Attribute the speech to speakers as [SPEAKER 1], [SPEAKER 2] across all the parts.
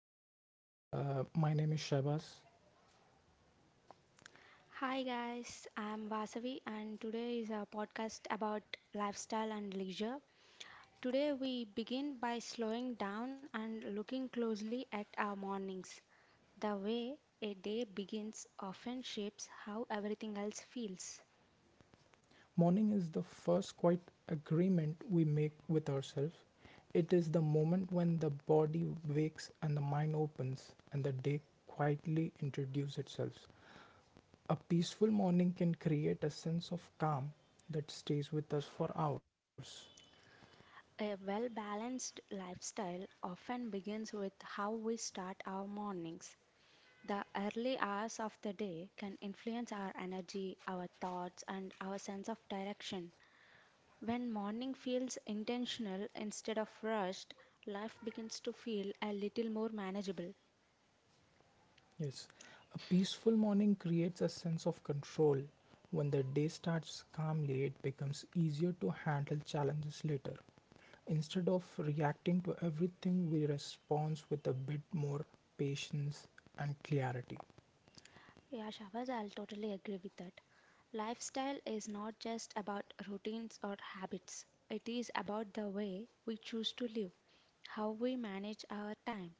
[SPEAKER 1] all doing? My name is Shabazz.
[SPEAKER 2] Hi guys, I'm Vasavi and today is our podcast about lifestyle and leisure. Today we begin by slowing down and looking closely at our mornings. The way a day begins often shapes how everything else feels.
[SPEAKER 1] Morning is the first quiet agreement we make with ourselves. It is the moment when the body wakes and the mind opens and the day quietly introduces itself. A peaceful morning can create a sense of calm that stays with us for hours.
[SPEAKER 2] A well balanced lifestyle often begins with how we start our mornings. The early hours of the day can influence our energy, our thoughts, and our sense of direction. When morning feels intentional instead of rushed, life begins to feel a little more manageable.
[SPEAKER 1] Yes, a peaceful morning creates a sense of control. When the day starts calmly, it becomes easier to handle challenges later. Instead of reacting to everything, we respond with a bit more patience and clarity.
[SPEAKER 2] Yeah, Shabaz, I'll totally agree with that. Lifestyle is not just about routines or habits, it is about the way we choose to live, how we manage our time,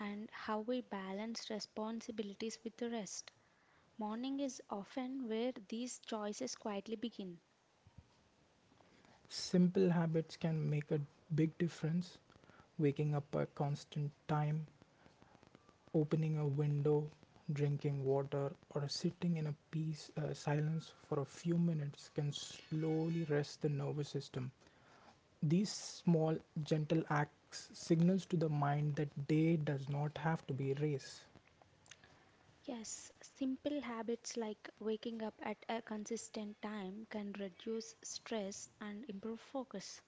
[SPEAKER 2] and how we balance responsibilities with the rest. Morning is often where these choices quietly begin.
[SPEAKER 1] Simple habits can make a big difference. Waking up at constant time, opening a window, drinking water, or sitting in a peace silence for a few minutes can slowly rest the nervous system. These small, gentle acts signals to the mind that day does not have to be a race.
[SPEAKER 2] Yes, simple habits like waking up at a consistent time can reduce stress and improve focus.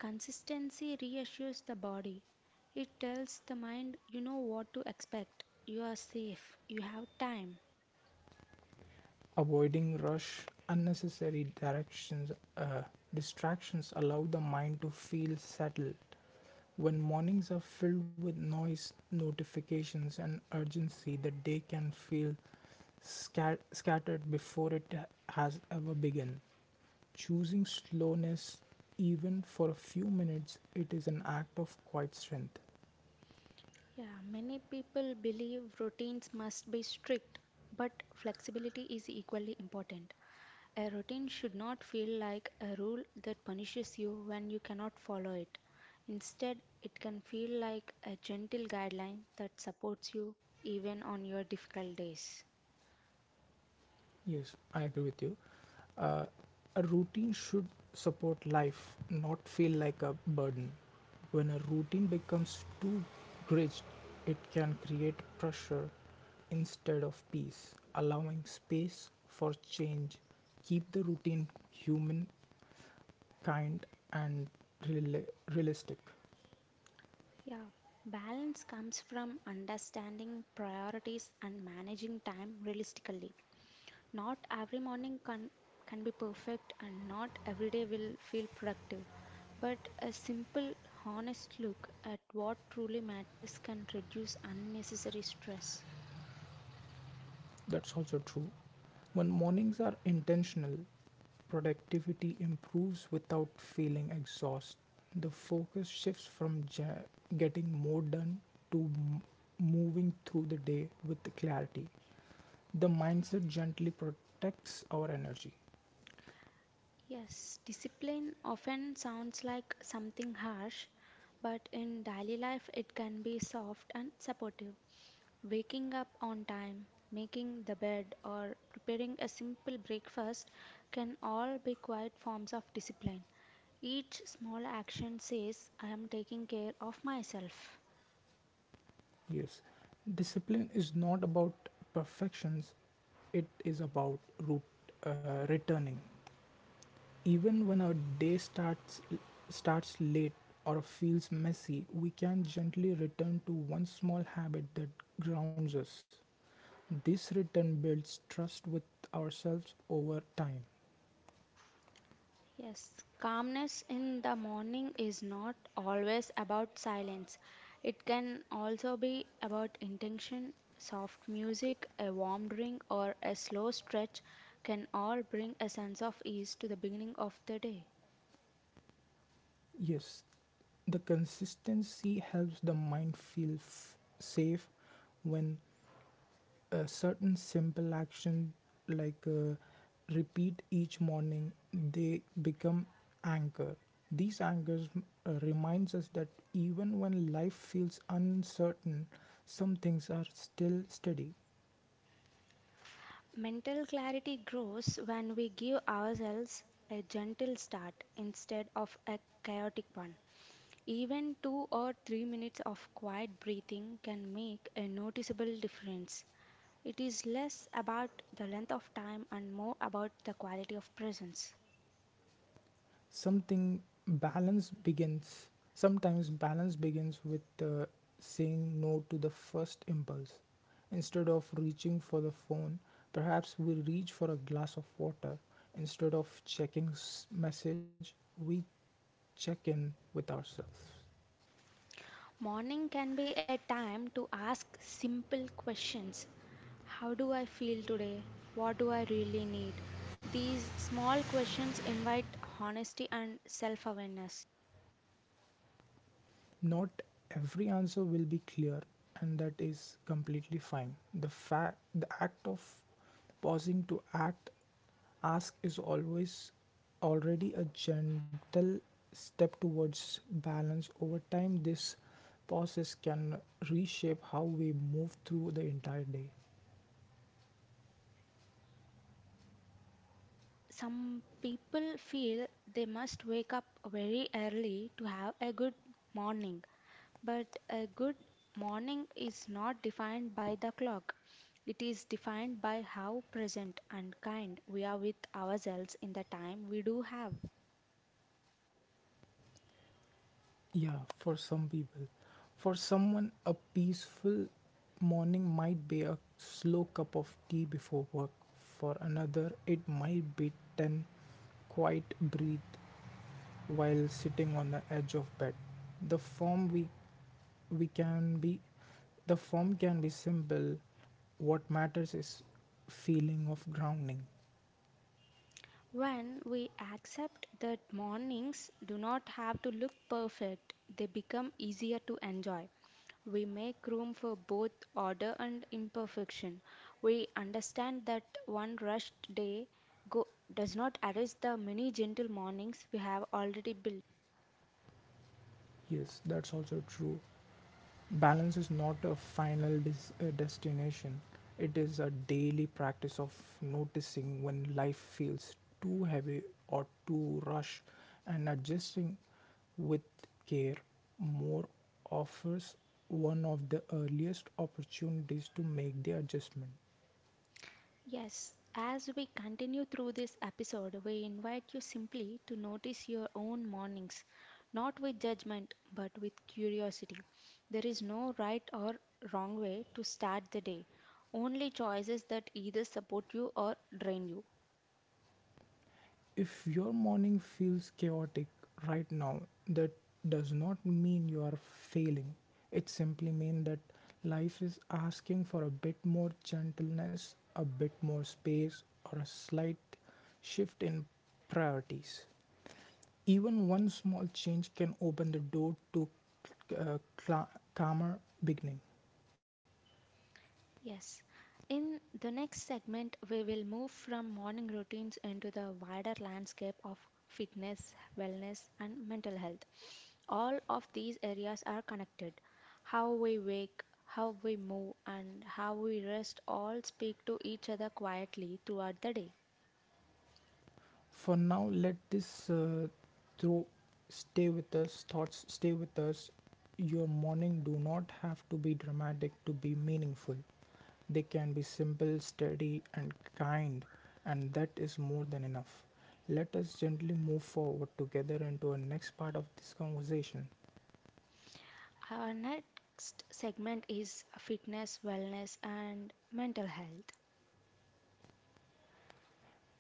[SPEAKER 2] Consistency reassures the body. It tells the mind you know what to expect, you are safe, you have time.
[SPEAKER 1] Avoiding rush, unnecessary directions, uh, distractions allow the mind to feel settled. When mornings are filled with noise, notifications, and urgency, the day can feel scattered before it has ever begun. Choosing slowness, even for a few minutes, it is an act of quiet strength.
[SPEAKER 2] Yeah, many people believe routines must be strict, but flexibility is equally important. A routine should not feel like a rule that punishes you when you cannot follow it. Instead, it can feel like a gentle guideline that supports you even on your difficult days.
[SPEAKER 1] Yes, I agree with you. Uh, a routine should support life, not feel like a burden. When a routine becomes too rigid, it can create pressure instead of peace, allowing space for change. Keep the routine human, kind, and reali- realistic.
[SPEAKER 2] Yeah, balance comes from understanding priorities and managing time realistically. Not every morning can be perfect, and not every day will feel productive. But a simple, honest look at what truly matters can reduce unnecessary stress.
[SPEAKER 1] That's also true. When mornings are intentional, productivity improves without feeling exhausted. The focus shifts from getting more done to moving through the day with clarity. The mindset gently protects our energy.
[SPEAKER 2] Yes, discipline often sounds like something harsh, but in daily life it can be soft and supportive. Waking up on time, making the bed, or preparing a simple breakfast can all be quiet forms of discipline. Each small action says, I am taking care of myself.
[SPEAKER 1] Yes, discipline is not about perfections, it is about root, returning. Even when our day starts late or feels messy, we can gently return to one small habit that grounds us. This return builds trust with ourselves over time.
[SPEAKER 2] Yes, calmness in the morning is not always about silence. It can also be about intention. Soft music, a warm drink, or a slow stretch can all bring a sense of ease to the beginning of the day.
[SPEAKER 1] Yes, the consistency helps the mind feel safe when a certain simple action like repeat each morning they become anchor. These anchors reminds us that even when life feels uncertain, some things are still steady.
[SPEAKER 2] Mental clarity grows when we give ourselves a gentle start instead of a chaotic one. Even 2 or 3 minutes of quiet breathing can make a noticeable difference. It is less about the length of time and more about the quality of presence.
[SPEAKER 1] Something balance begins sometimes balance begins with saying no to the first impulse instead of reaching for the phone, perhaps we reach for a glass of water instead of checking message, we check in with ourselves.
[SPEAKER 2] Morning can be a time to ask simple questions. How do I feel today? What do I really need? These small questions invite honesty and self awareness.
[SPEAKER 1] Not every answer will be clear, and that is completely fine. The fact the act of pausing to act ask is always already a gentle step towards balance. Over time, this process can reshape how we move through the entire day.
[SPEAKER 2] Some people feel they must wake up very early to have a good morning, but a good morning is not defined by the clock. It is defined by how present and kind we are with ourselves in the time we do have.
[SPEAKER 1] Yeah, for some people. For someone, a peaceful morning might be a slow cup of tea before work. For another, it might be 10 quiet breath while sitting on the edge of bed. The form we we can be the form can be simple. What matters is feeling of grounding.
[SPEAKER 2] When we accept that mornings do not have to look perfect, they become easier to enjoy. We make room for both order and imperfection. We understand that one rushed go, does not erase the many gentle mornings we have already built.
[SPEAKER 1] Yes, that's also true. Balance is not a final destination. It is a daily practice of noticing when life feels too heavy or too rush, and adjusting with care. More offers one of the earliest opportunities to make the adjustment.
[SPEAKER 2] Yes, as we continue through this episode, we invite you simply to notice your own mornings, not with judgment, but with curiosity. There is no right or wrong way to start the day, only choices that either support you or drain you.
[SPEAKER 1] If your morning feels chaotic right now, that does not mean you are failing. It simply means that life is asking for a bit more gentleness, a bit more space, or a slight shift in priorities. Even one small change can open the door to a calmer beginning.
[SPEAKER 2] Yes. In the next segment, we will move from morning routines into the wider landscape of fitness, wellness, and mental health. All of these areas are connected. How we wake, how we move, and how we rest all speak to each other quietly throughout the day.
[SPEAKER 1] For now, let this through stay with us, thoughts stay with us. Your morning do not have to be dramatic to be meaningful. They can be simple, steady, and kind, and that is more than enough. Let us gently move forward together into our next part of this conversation.
[SPEAKER 2] Our next segment is fitness, wellness, and mental health.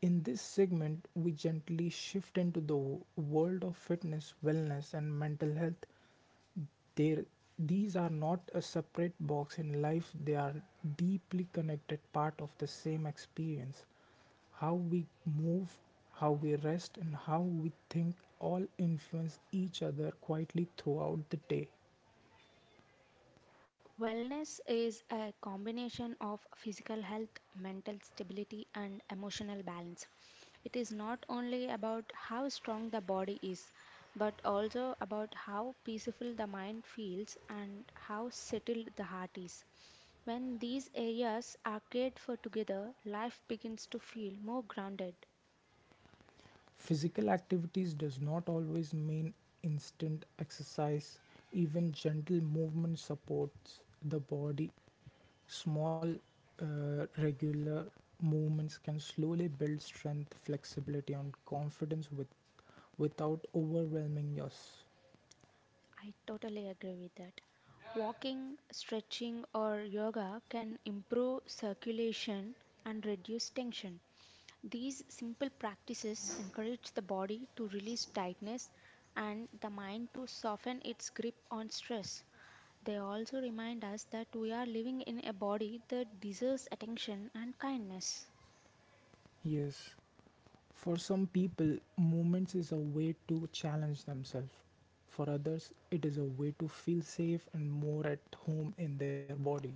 [SPEAKER 1] In this segment, we gently shift into the world of fitness, wellness, and mental health. There, these are not a separate box in life, they are deeply connected part of the same experience. How we move, how we rest, and how we think all influence each other quietly throughout the day.
[SPEAKER 2] Wellness is a combination of physical health, mental stability, and emotional balance. It is not only about how strong the body is, but also about how peaceful the mind feels and how settled the heart is. When these areas are cared for together, life begins to feel more grounded.
[SPEAKER 1] Physical activities does not always mean instant exercise. Even gentle movement supports the body. Small, regular movements can slowly build strength, flexibility, and confidence without overwhelming yours.
[SPEAKER 2] I totally agree with that. Walking, stretching, or yoga can improve circulation and reduce tension. These simple practices encourage the body to release tightness and the mind to soften its grip on stress. They also remind us that we are living in a body that deserves attention and kindness.
[SPEAKER 1] Yes. For some people, movements is a way to challenge themselves. For others, it is a way to feel safe and more at home in their bodies.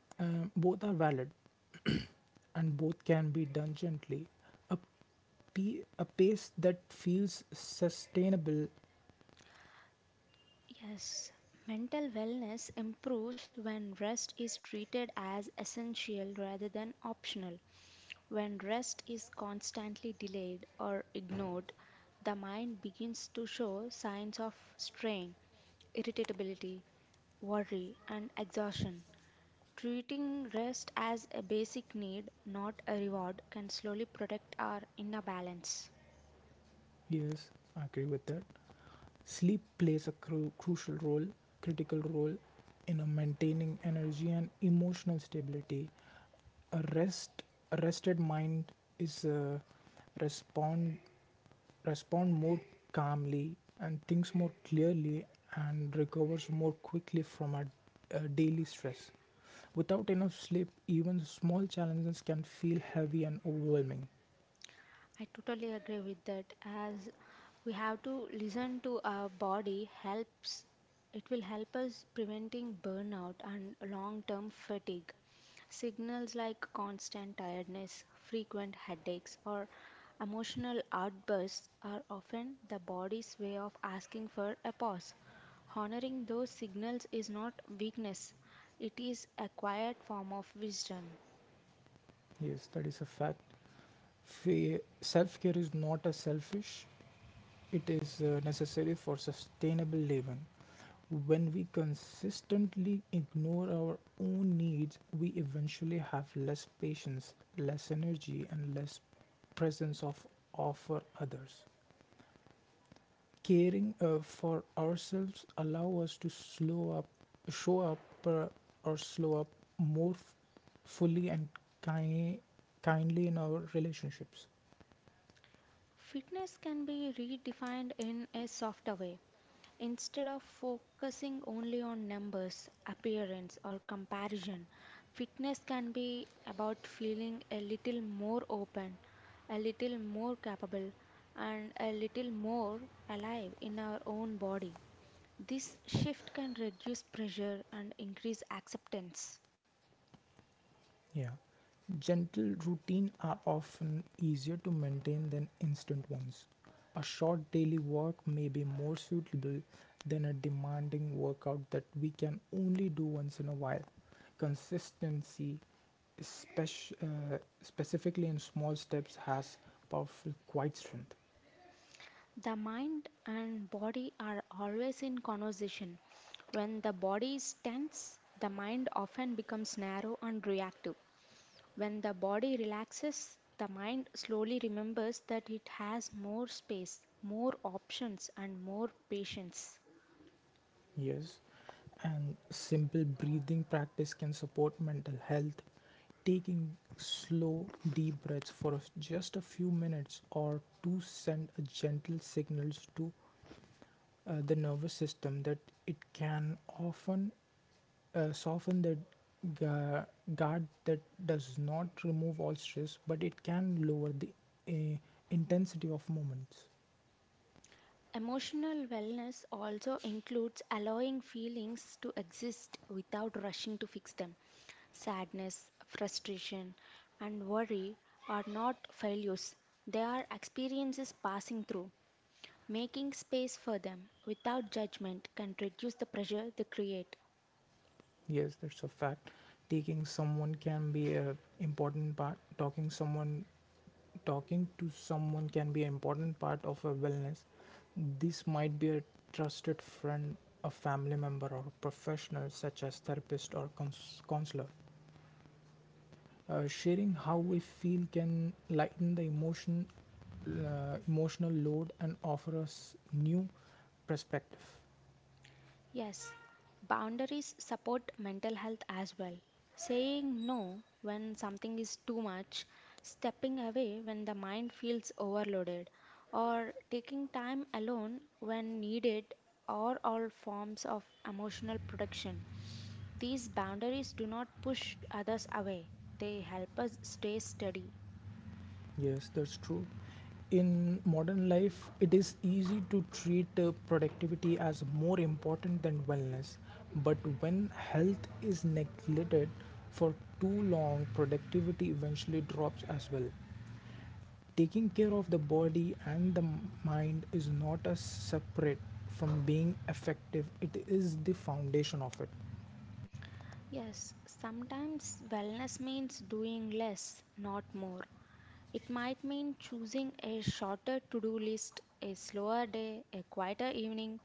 [SPEAKER 1] Both are valid and both can be done gently. A, a pace that feels sustainable.
[SPEAKER 2] Yes, mental wellness improves when rest is treated as essential rather than optional. When rest is constantly delayed or ignored, the mind begins to show signs of strain, irritability, worry, and exhaustion. Treating rest as a basic need, not a reward, can slowly protect our inner balance.
[SPEAKER 1] Yes, I agree with that. Sleep plays a critical role in maintaining energy and emotional stability. A rest, a rested mind is respond respond more calmly and thinks more clearly and recovers more quickly from a daily stress. Without enough sleep, even small challenges can feel heavy and overwhelming.
[SPEAKER 2] I totally agree with that. As we have to listen to our body, helps it will help us preventing burnout and long-term fatigue. Signals like constant tiredness, frequent headaches, or emotional outbursts are often the body's way of asking for a pause. Honoring those signals is not weakness, it is a quiet form of wisdom.
[SPEAKER 1] Yes, that is a fact. Self care is not a selfish. It is necessary for sustainable living. When we consistently ignore our own needs, we eventually have less patience, less energy, and less presence of offer others. Caring for ourselves allow us to show up, uh, or slow up more fully and ki- kindly in our relationships.
[SPEAKER 2] Fitness can be redefined in a softer way. Instead of focusing only on numbers, appearance, or comparison, fitness can be about feeling a little more open, a little more capable, and a little more alive in our own body. This shift can reduce pressure and increase acceptance.
[SPEAKER 1] Yeah. Gentle routines are often easier to maintain than instant ones. A short daily walk may be more suitable than a demanding workout that we can only do once in a while. Consistency, especially, specifically in small steps, has powerful quiet strength.
[SPEAKER 2] The mind and body are always in conversation. When the body is tense, the mind often becomes narrow and reactive. When the body relaxes, the mind slowly remembers that it has more space, more options, and more patience.
[SPEAKER 1] Yes, and simple breathing practice can support mental health. Taking slow, deep breaths for just a few minutes or to send a gentle signals to the nervous system that it can often soften the gu- guard that does not remove all stress, but it can lower the uh, intensity of moments.
[SPEAKER 2] Emotional wellness also includes allowing feelings to exist without rushing to fix them. Sadness, frustration, and worry are not failures, they are experiences passing through. Making space for them without judgment can reduce the pressure they create.
[SPEAKER 1] Yes, that's a fact. Taking someone can be a important part. Talking someone, talking to someone can be an important part of a wellness. This might be a trusted friend, a family member, or a professional such as therapist or counselor. Sharing how we feel can lighten emotional load, and offer us new perspective.
[SPEAKER 2] Yes, boundaries support mental health as well. Saying no when something is too much, stepping away when the mind feels overloaded, or taking time alone when needed are all forms of emotional protection. These boundaries do not push others away, they help us stay steady.
[SPEAKER 1] Yes, that's true. In modern life, it is easy to treat productivity as more important than wellness. But when health is neglected for too long, productivity eventually drops as well. Taking care of the body and the mind is not as separate from being effective, it is the foundation of it.
[SPEAKER 2] Yes, sometimes wellness means doing less, not more. It might mean choosing a shorter to do list, a slower day, a quieter evening.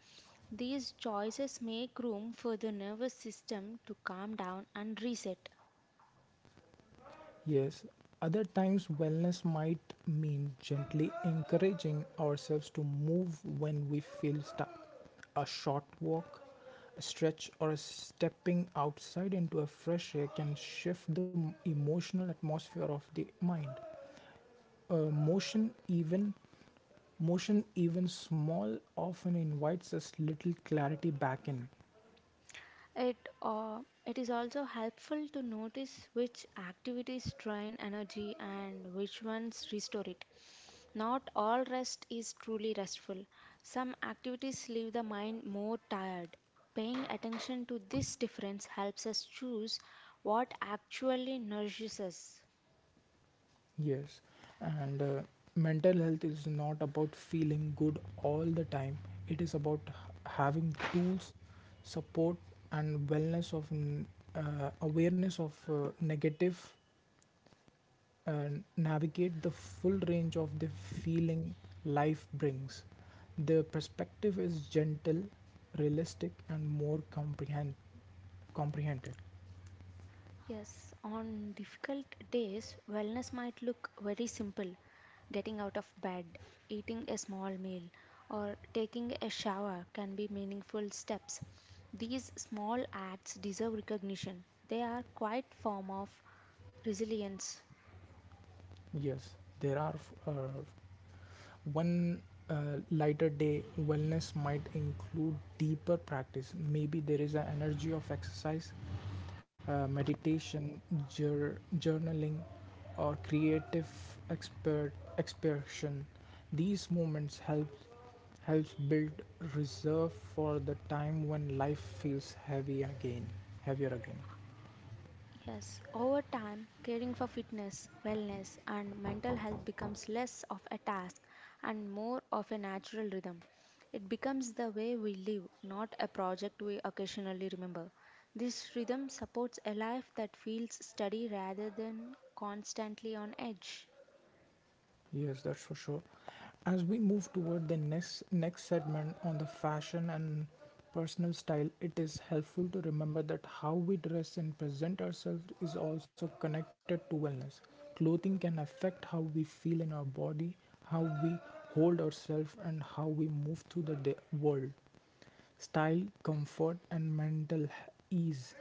[SPEAKER 2] These choices make room for the nervous system to calm down and reset.
[SPEAKER 1] Yes, other times wellness might mean gently encouraging ourselves to move when we feel stuck. A short walk, a stretch, or a stepping outside into a fresh air can shift the emotional atmosphere of the mind. Uh, motion, even motion, even small, often invites us little clarity back in.
[SPEAKER 2] It is also helpful to notice which activities drain energy and which ones restore it. Not all rest is truly restful. Some activities leave the mind more tired. Paying attention to this difference helps us choose what actually nourishes us.
[SPEAKER 1] Yes, and mental health is not about feeling good all the time. It is about having tools, support, and wellness of n- awareness of negative, uh, navigate the full range of the feeling life brings. The perspective is gentle, realistic, and more comprehended.
[SPEAKER 2] Yes, on difficult days, wellness might look very simple. Getting out of bed, eating a small meal, or taking a shower can be meaningful steps. These small acts deserve recognition. They are quite form of resilience.
[SPEAKER 1] Yes, there are f- uh, one lighter day wellness might include deeper practice. Maybe there is an energy of exercise, meditation, journaling, or creative expert expression. These moments helps build reserve for the time when life feels heavier again.
[SPEAKER 2] Yes, over time, caring for fitness, wellness, and mental health becomes less of a task and more of a natural rhythm. It becomes the way we live, not a project we occasionally remember. This rhythm supports a life that feels steady rather than constantly on edge.
[SPEAKER 1] Yes, that's for sure. As we move toward the next segment on the fashion and personal style, it is helpful to remember that how we dress and present ourselves is also connected to wellness. Clothing can affect how we feel in our body, how we hold ourselves, and how we move through the world. Style, comfort, and mental ease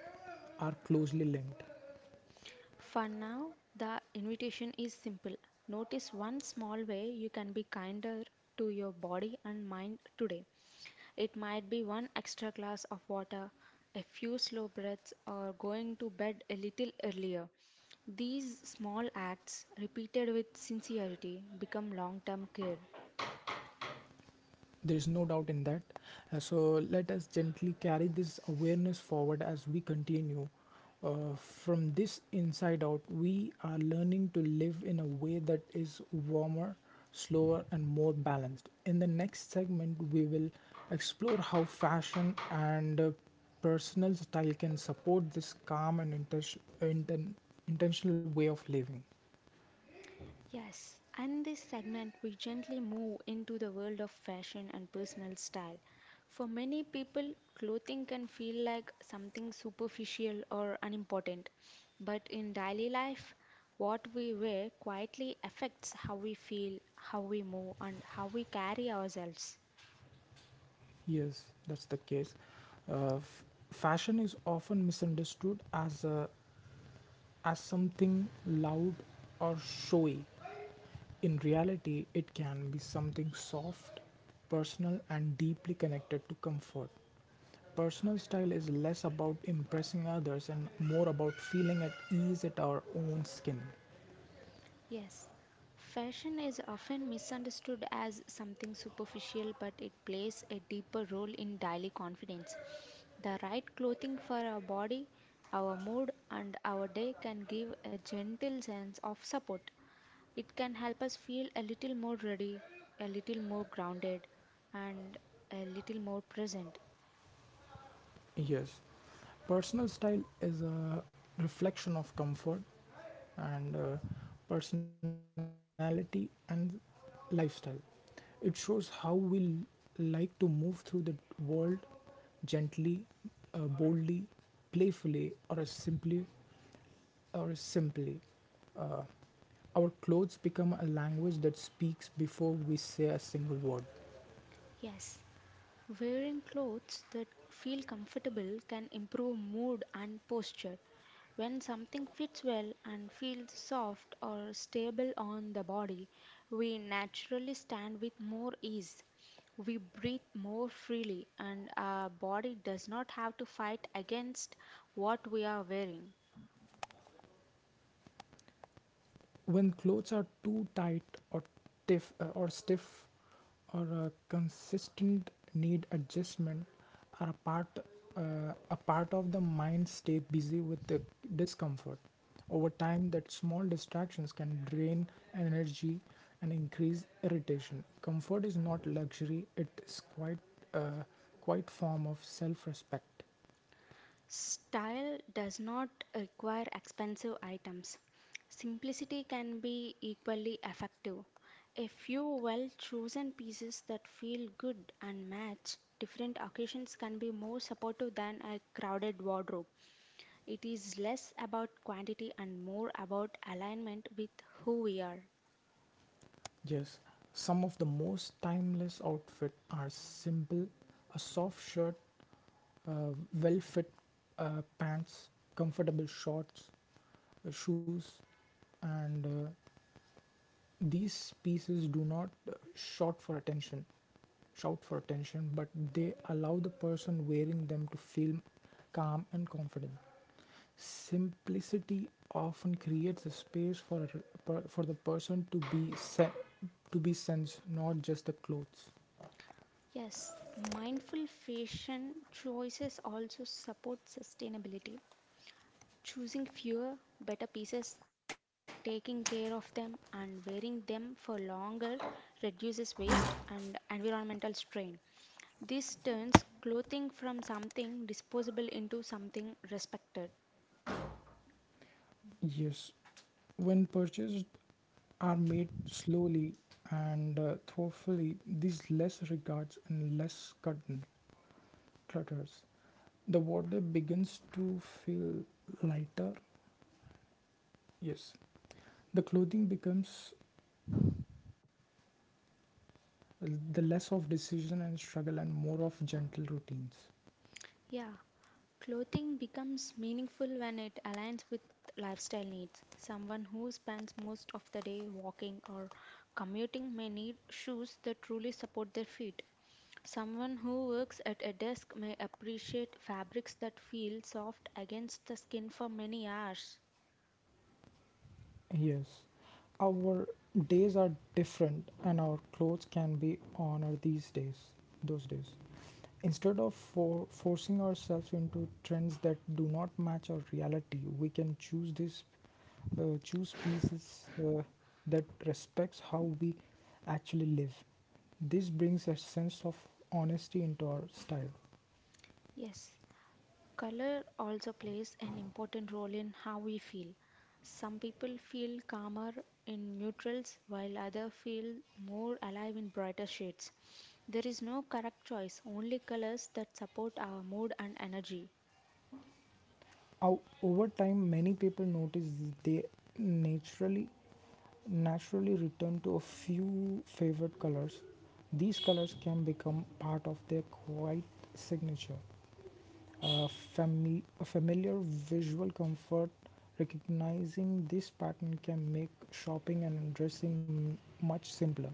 [SPEAKER 1] are closely linked.
[SPEAKER 2] For now, the invitation is simple. Notice one small way you can be kinder to your body and mind today. It might be one extra glass of water, a few slow breaths, or going to bed a little earlier. These small acts, repeated with sincerity, become long term care.
[SPEAKER 1] There is no doubt in that. So let us gently carry this awareness forward as we continue. From this inside out, we are learning to live in a way that is warmer, slower, and more balanced. In the next segment, we will explore how fashion and personal style can support this calm and intentional way of living.
[SPEAKER 2] Yes, and this segment we gently move into the world of fashion and personal style. For many people, clothing can feel like something superficial or unimportant, but in daily life, what we wear quietly affects how we feel, how we move, and how we carry ourselves.
[SPEAKER 1] Yes, that's the case. Uh, f- Fashion is often misunderstood as as something loud or showy. In reality, it can be something soft, personal, and deeply connected to comfort. Personal style is less about impressing others and more about feeling at ease at our own skin.
[SPEAKER 2] Yes, fashion is often misunderstood as something superficial, but it plays a deeper role in daily confidence. The right clothing for our body, our mood, and our day can give a gentle sense of support. It can help us feel a little more ready, a little more grounded, and a little more present.
[SPEAKER 1] Yes, personal style is a reflection of comfort and personality and lifestyle. It shows how we like to move through the world gently, boldly, playfully, or simply. Uh, our clothes become a language that speaks before we say a single word.
[SPEAKER 2] Yes, wearing clothes that feel comfortable can improve mood and posture. When something fits well and feels soft or stable on the body, we naturally stand with more ease. We breathe more freely, and our body does not have to fight against what we are wearing.
[SPEAKER 1] When clothes are too tight or stiff or a consistent need adjustment are a part of the mind stay busy with the discomfort. Over time that small distractions can drain energy and increase irritation. Comfort is not luxury, it is uh, quite form of self-respect.
[SPEAKER 2] Style does not require expensive items. Simplicity can be equally effective. A few well chosen pieces that feel good and match different occasions can be more supportive than a crowded wardrobe. It is less about quantity and more about alignment with who we are.
[SPEAKER 1] Yes, some of the most timeless outfit are simple: a soft shirt, uh, well fit pants, comfortable shorts, shoes, and these pieces do not shout for attention, but they allow the person wearing them to feel calm and confident. Simplicity often creates a space for a for the person to be to be sensed, not just the clothes.
[SPEAKER 2] Yes, mindful fashion choices also support sustainability. Choosing fewer, better pieces taking care of them and wearing them for longer reduces waste and environmental strain. This turns clothing from something disposable into something respected.
[SPEAKER 1] Yes, when purchases are made slowly and thoughtfully, these less regards and less cut- clutters. The water begins to feel lighter. Yes. The clothing becomes the less of decision and struggle and more of gentle routines.
[SPEAKER 2] Yeah, clothing becomes meaningful when it aligns with lifestyle needs. Someone who spends most of the day walking or commuting may need shoes that truly support their feet. Someone who works at a desk may appreciate fabrics that feel soft against the skin for many hours.
[SPEAKER 1] Yes, our days are different, and our clothes can be those days. Instead of forcing ourselves into trends that do not match our reality, we can choose pieces that respects how we actually live. This brings a sense of honesty into our style.
[SPEAKER 2] Yes, color also plays an important role in how we feel. Some people feel calmer in neutrals, while others feel more alive in brighter shades. There is no correct choice, only colors that support our mood and energy.
[SPEAKER 1] How over time, many people notice they naturally naturally return to a few favorite colors. These colors can become part of their quiet signature. A, a familiar visual comfort, recognizing this pattern can make shopping and dressing much simpler.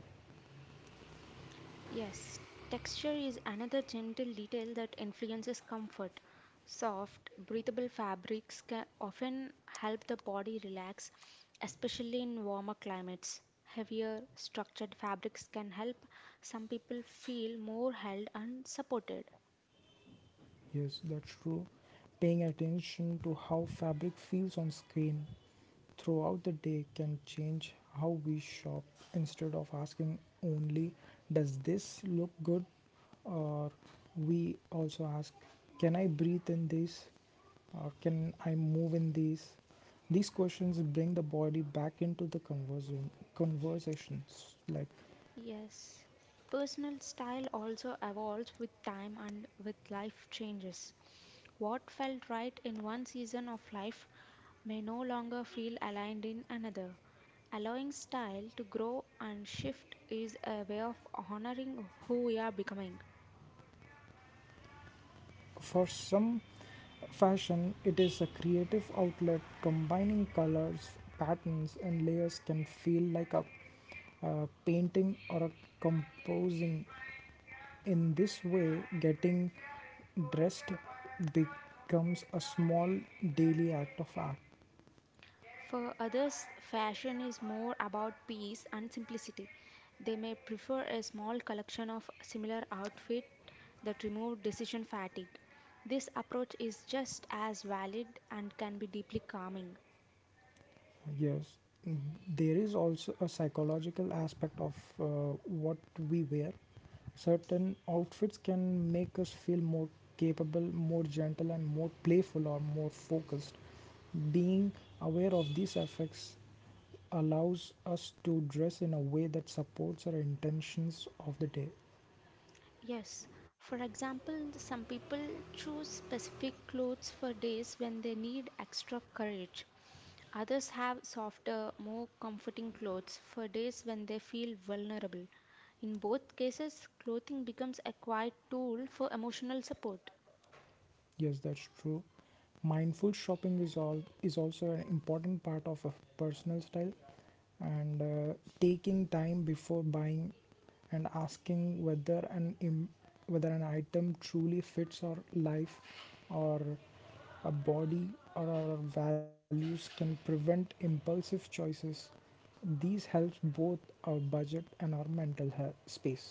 [SPEAKER 2] Yes, texture is another gentle detail that influences comfort. Soft, breathable fabrics can often help the body relax, especially in warmer climates. Heavier, structured fabrics can help some people feel more held and supported.
[SPEAKER 1] Yes, that's true, paying attention to how fabric feels on skin throughout the day can change how we shop. Instead of asking only, does this look good, or we also ask, can I breathe in this or can I move in these? These questions bring the body back into the conversion conversations like.
[SPEAKER 2] Yes. Personal style also evolves with time and with life changes. What felt right in one season of life may no longer feel aligned in another. Allowing style to grow and shift is a way of honoring who we are becoming.
[SPEAKER 1] For some, fashion it is a creative outlet. Combining colors, patterns, and layers can feel like painting or a composing. In this way, getting dressed becomes a small daily act of art.
[SPEAKER 2] For others, fashion is more about peace and simplicity. They may prefer a small collection of similar outfit that remove decision fatigue. This approach is just as valid and can be deeply calming.
[SPEAKER 1] Yes, there is also a psychological aspect of what we wear. Certain outfits can make us feel more capable, more gentle, and more playful or more focused. Being aware of these effects allows us to dress in a way that supports our intentions of the day.
[SPEAKER 2] Yes, for example, some people choose specific clothes for days when they need extra courage. Others have softer, more comforting clothes for days when they feel vulnerable. In both cases, clothing becomes a quiet tool for emotional support.
[SPEAKER 1] Yes, that's true. Mindful shopping is also an important part of a personal style, and taking time before buying and asking whether an item truly fits our life or a body or our values can prevent impulsive choices. These helps both our budget and our mental health space.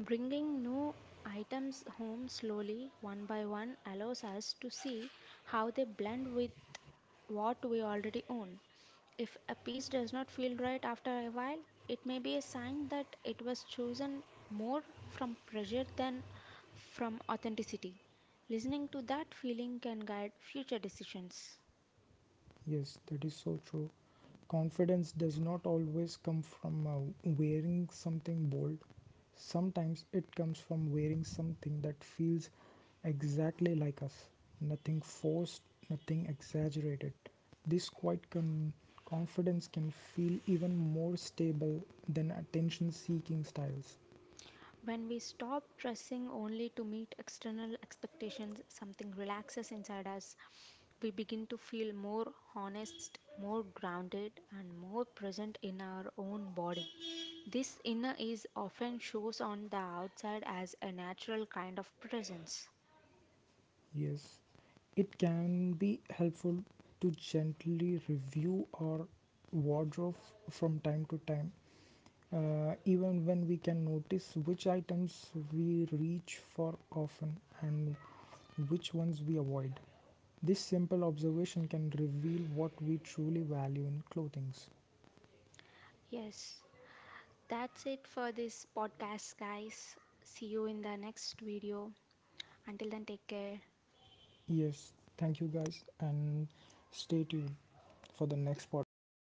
[SPEAKER 2] Bringing new items home slowly, one by one, allows us to see how they blend with what we already own. If a piece does not feel right after a while, it may be a sign that it was chosen more from pressure than from authenticity. Listening to that feeling can guide future decisions.
[SPEAKER 1] Yes, that is so true. Confidence does not always come from wearing something bold. Sometimes it comes from wearing something that feels exactly like us. Nothing forced, nothing exaggerated. This quiet confidence can feel even more stable than attention seeking styles.
[SPEAKER 2] When we stop dressing only to meet external expectations, something relaxes inside us. We begin to feel more honest, more grounded, and more present in our own body. This inner is often shows on the outside as a natural kind of presence.
[SPEAKER 1] Yes, it can be helpful to gently review our wardrobe from time to time, even when we can notice which items we reach for often and which ones we avoid. This simple observation can reveal what we truly value in clothing.
[SPEAKER 2] Yes, that's it for this podcast, guys. See you in the next video. Until then, take care.
[SPEAKER 1] Yes, thank you guys, and stay tuned for the next podcast.